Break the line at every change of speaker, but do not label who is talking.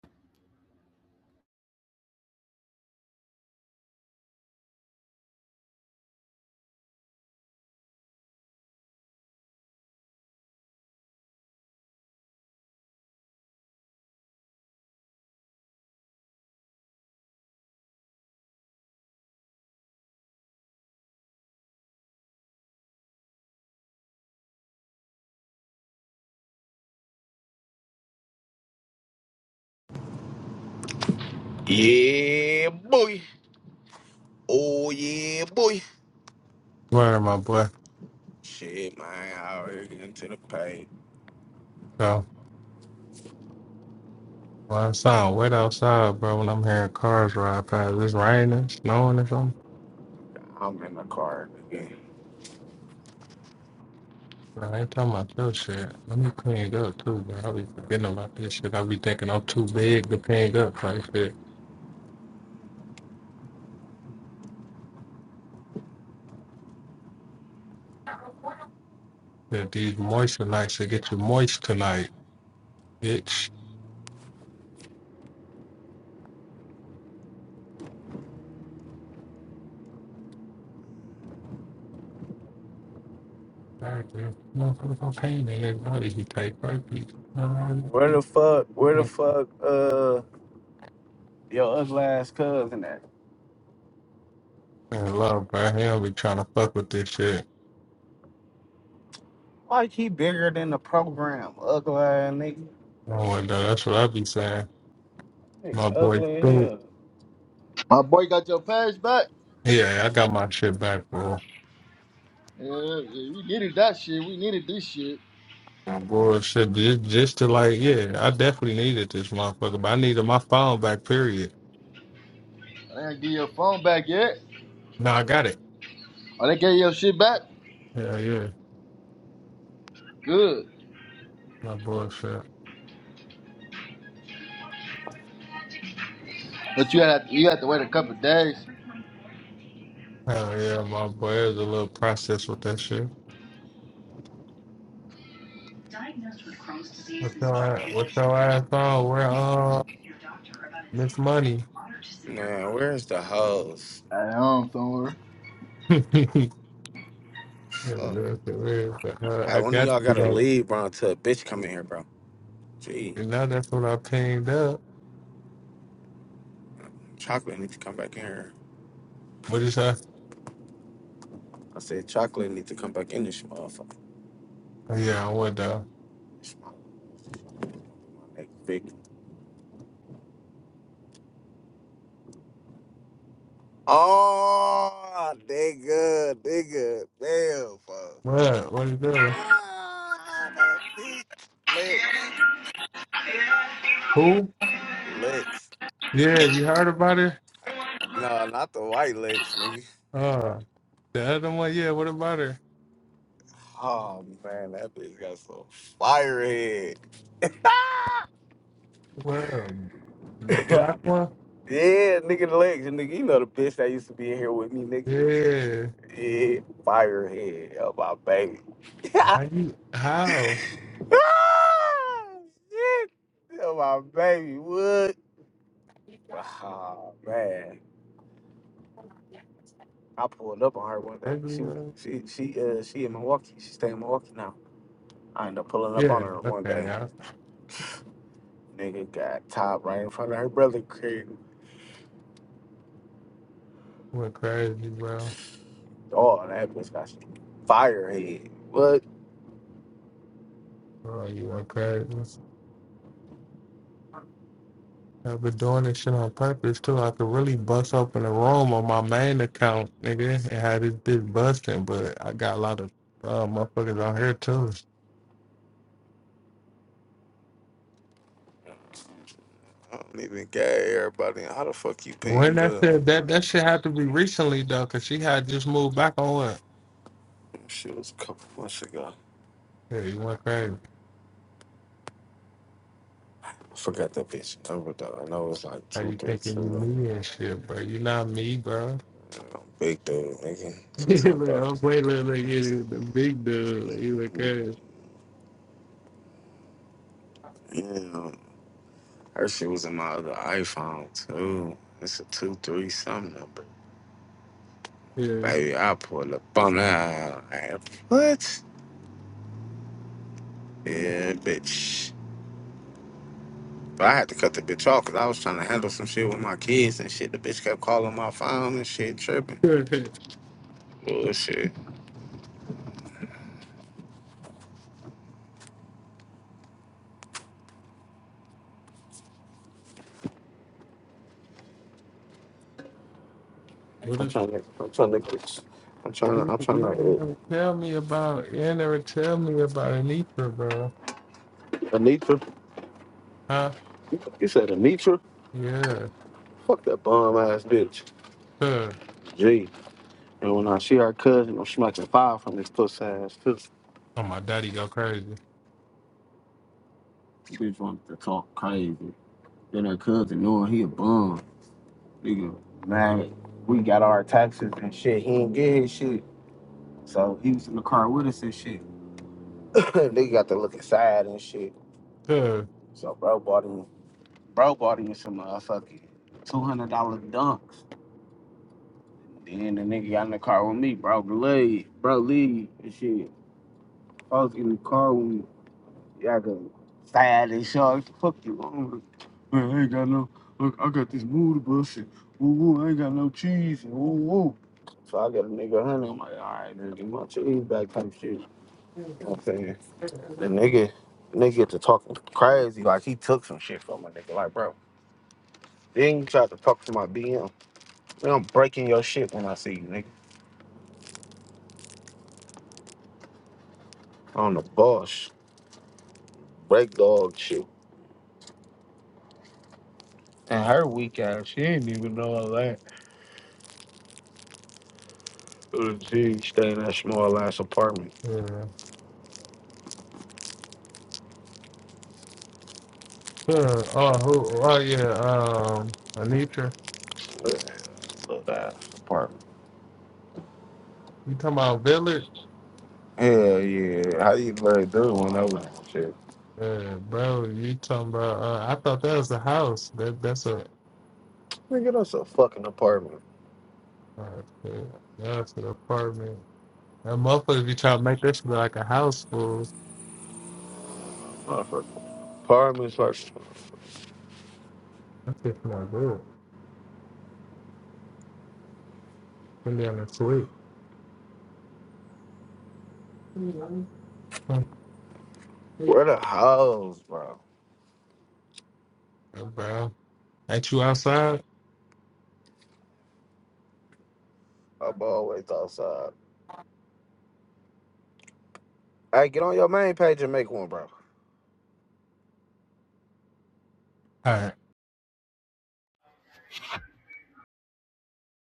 Yeah, boy. Oh, yeah, boy.
Where my boy?
Shit, man. I already get into the paint.
So well, it's all wet outside, bro. When I'm hearing cars ride past, it's raining, snowing, or something.
I'm in the car again.
Bro, I ain't talking about your shit. Let me clean it up too, bro. I be forgetting about this shit. I be thinking I'm too big to clean up. Like shit. That these moisture nights should get you moist tonight, bitch. Alright, bro. Motherfucker, cocaine in his body. He take herpes. Man,
Where the fuck, where the fuck, uh, your ugly ass cousin at?
love, bro. He don't be trying to fuck with this shit.
Like he bigger than the program, ugly ass nigga.
Oh, well, though, that's what I be saying.
Nigga,
My boy,
ugly as
Scoop.
hell.
My boy got your pass back.
Yeah, I got my shit back, bro.
Yeah, yeah, we needed that shit. We needed this shit.
My Bullshit. Just, just to like, yeah, I definitely needed this motherfucker, but I needed my phone back, period.
I didn't get your phone back yet.
No, I got it.
Oh, they gave your shit back.
Yeah, yeah.
Good,
My bullshit.
but you had you had to wait a couple days.
Hell yeah, my boy. It was a little process with that shit. What your ass, what your ass on? Where, uh, Miss Money?
Man, where's the hoes?
At home somewhere.
Yeah,
Fuck.
that's the weird shit. Uh,
I
I
wonder
got
y'all
you,
gotta
though.
leave, bro, until a bitch come in here, bro. Gee,
And now that's what I pinged up.
chocolate needs to come back in here.
What is that?
I said chocolate needs to come back in this motherfucker.
Oh, Yeah, I went down.
This motherfucker, Big Oh, they good. They good. Damn, fuck.
What? What you doing?
Ah, that bitch. Licks.
Who?
Licks.
Yeah, you heard about it?
No, not the white licks, nigga.
Uh, The other one, yeah, what about her?
Oh, man, that bitch got some fire head. Ah!
Well, the
yeah,
black one?
nigga, the legs. Nigga, you know the bitch that used to be in here with me, nigga.
Yeah.
Yeah, fire head. Oh, my baby. ah,
How you how?
shit. Oh, my baby. What? Oh, man. I pulled up on her one day.
Ugly
She
one?
she she uh she in Milwaukee. She stay in Milwaukee now. I ended up pulling up
Yeah,
on her one
okay,
day.
y'all
Nigga got top right in front of her brother crib.
Went crazy, bro.
Oh, that bitch got some firehead. What?
Oh, you went crazy. I've been doing this shit on purpose too. I could really bust open a room on my main account, nigga, and had this bitch busting, but I got a lot of uh, motherfuckers on here too.
I don't even get everybody. How the fuck you
When
ping
that
up?
shit that that shit had to be recently though, cause she had just moved back on it.
She was a couple months ago.
Yeah, you went crazy.
I forgot that bitch number though. I know it was like
How
two
you
three
thinking you
two.
me and shit, bro? You not me, bro.
You know, Big dude, nigga. She
look,
talking about.
I'm waiting look, look, you the big dude. Like, He look at it.
Yeah, Her shit was in my other iPhone too. It's a two three something number.
Yeah.
Baby, I pull up on that. Like, What? Yeah, bitch. But I had to cut the bitch off because I was trying to handle some shit with my kids and shit. The bitch kept calling my phone and shit, tripping. Bullshit.
what
I'm
if,
trying to. I'm trying to. Get, I'm
what
trying to.
if
I'm trying
you ain't
to.
never tell me about you ain't never tell me about Anitra, bro?
Uh, Anitra.
Huh?
You said Anitra?
Yeah.
Fuck that bum ass bitch.
Huh.
Gee. And when I see her cousin, I'm smacking fire from this puss ass too.
Oh my daddy go crazy.
Bitch wanted to talk crazy. Then her cousin knowing he a bum, nigga. Man, we got our taxes and shit. He ain't get his shit. So he was in the car with us and shit. they got to look inside and shit.
Huh.
So bro bought him, bro bought him some motherfucking two hundred dollar dunks. Then the nigga got in the car with me, bro. Bro, Leave, bro, leave and shit. I was in the car with me. Yeah, I got sad and shark. Fuck you. I'm like, Man, I ain't got no. Look, I got this mood bus and woo woo. I ain't got no cheese and woo woo. So I got a nigga honey. I'm like, all right, man, give my cheese back type shit. You know what I'm saying? The nigga, nigga get to talking crazy. Like he took some shit from my nigga. Like, bro, then you tried to talk to my BM. Man, I'm breaking your shit when I see you, nigga. On the boss, break dog shit. And her weak ass, she didn't even know all that. She stay in that small ass apartment.
Yeah. Huh. Oh who oh yeah, um Anitra.
Love that apartment.
You talking about Villard?
Hell yeah. How you like do when I was shit?
Yeah, bro, you talking about? Uh, I thought that was a house. That that's a
Nigga, that's a fucking apartment.
Oh, shit. That's an apartment. That motherfucker be trying to make that shit look like a house full.
Motherfucker. Apartments are
That shit's not good. Put down a suite. mm
where the hoes, bro.
Bro, ain't you outside?
I'm always outside. Hey, get on your main page and make one, bro.
All right.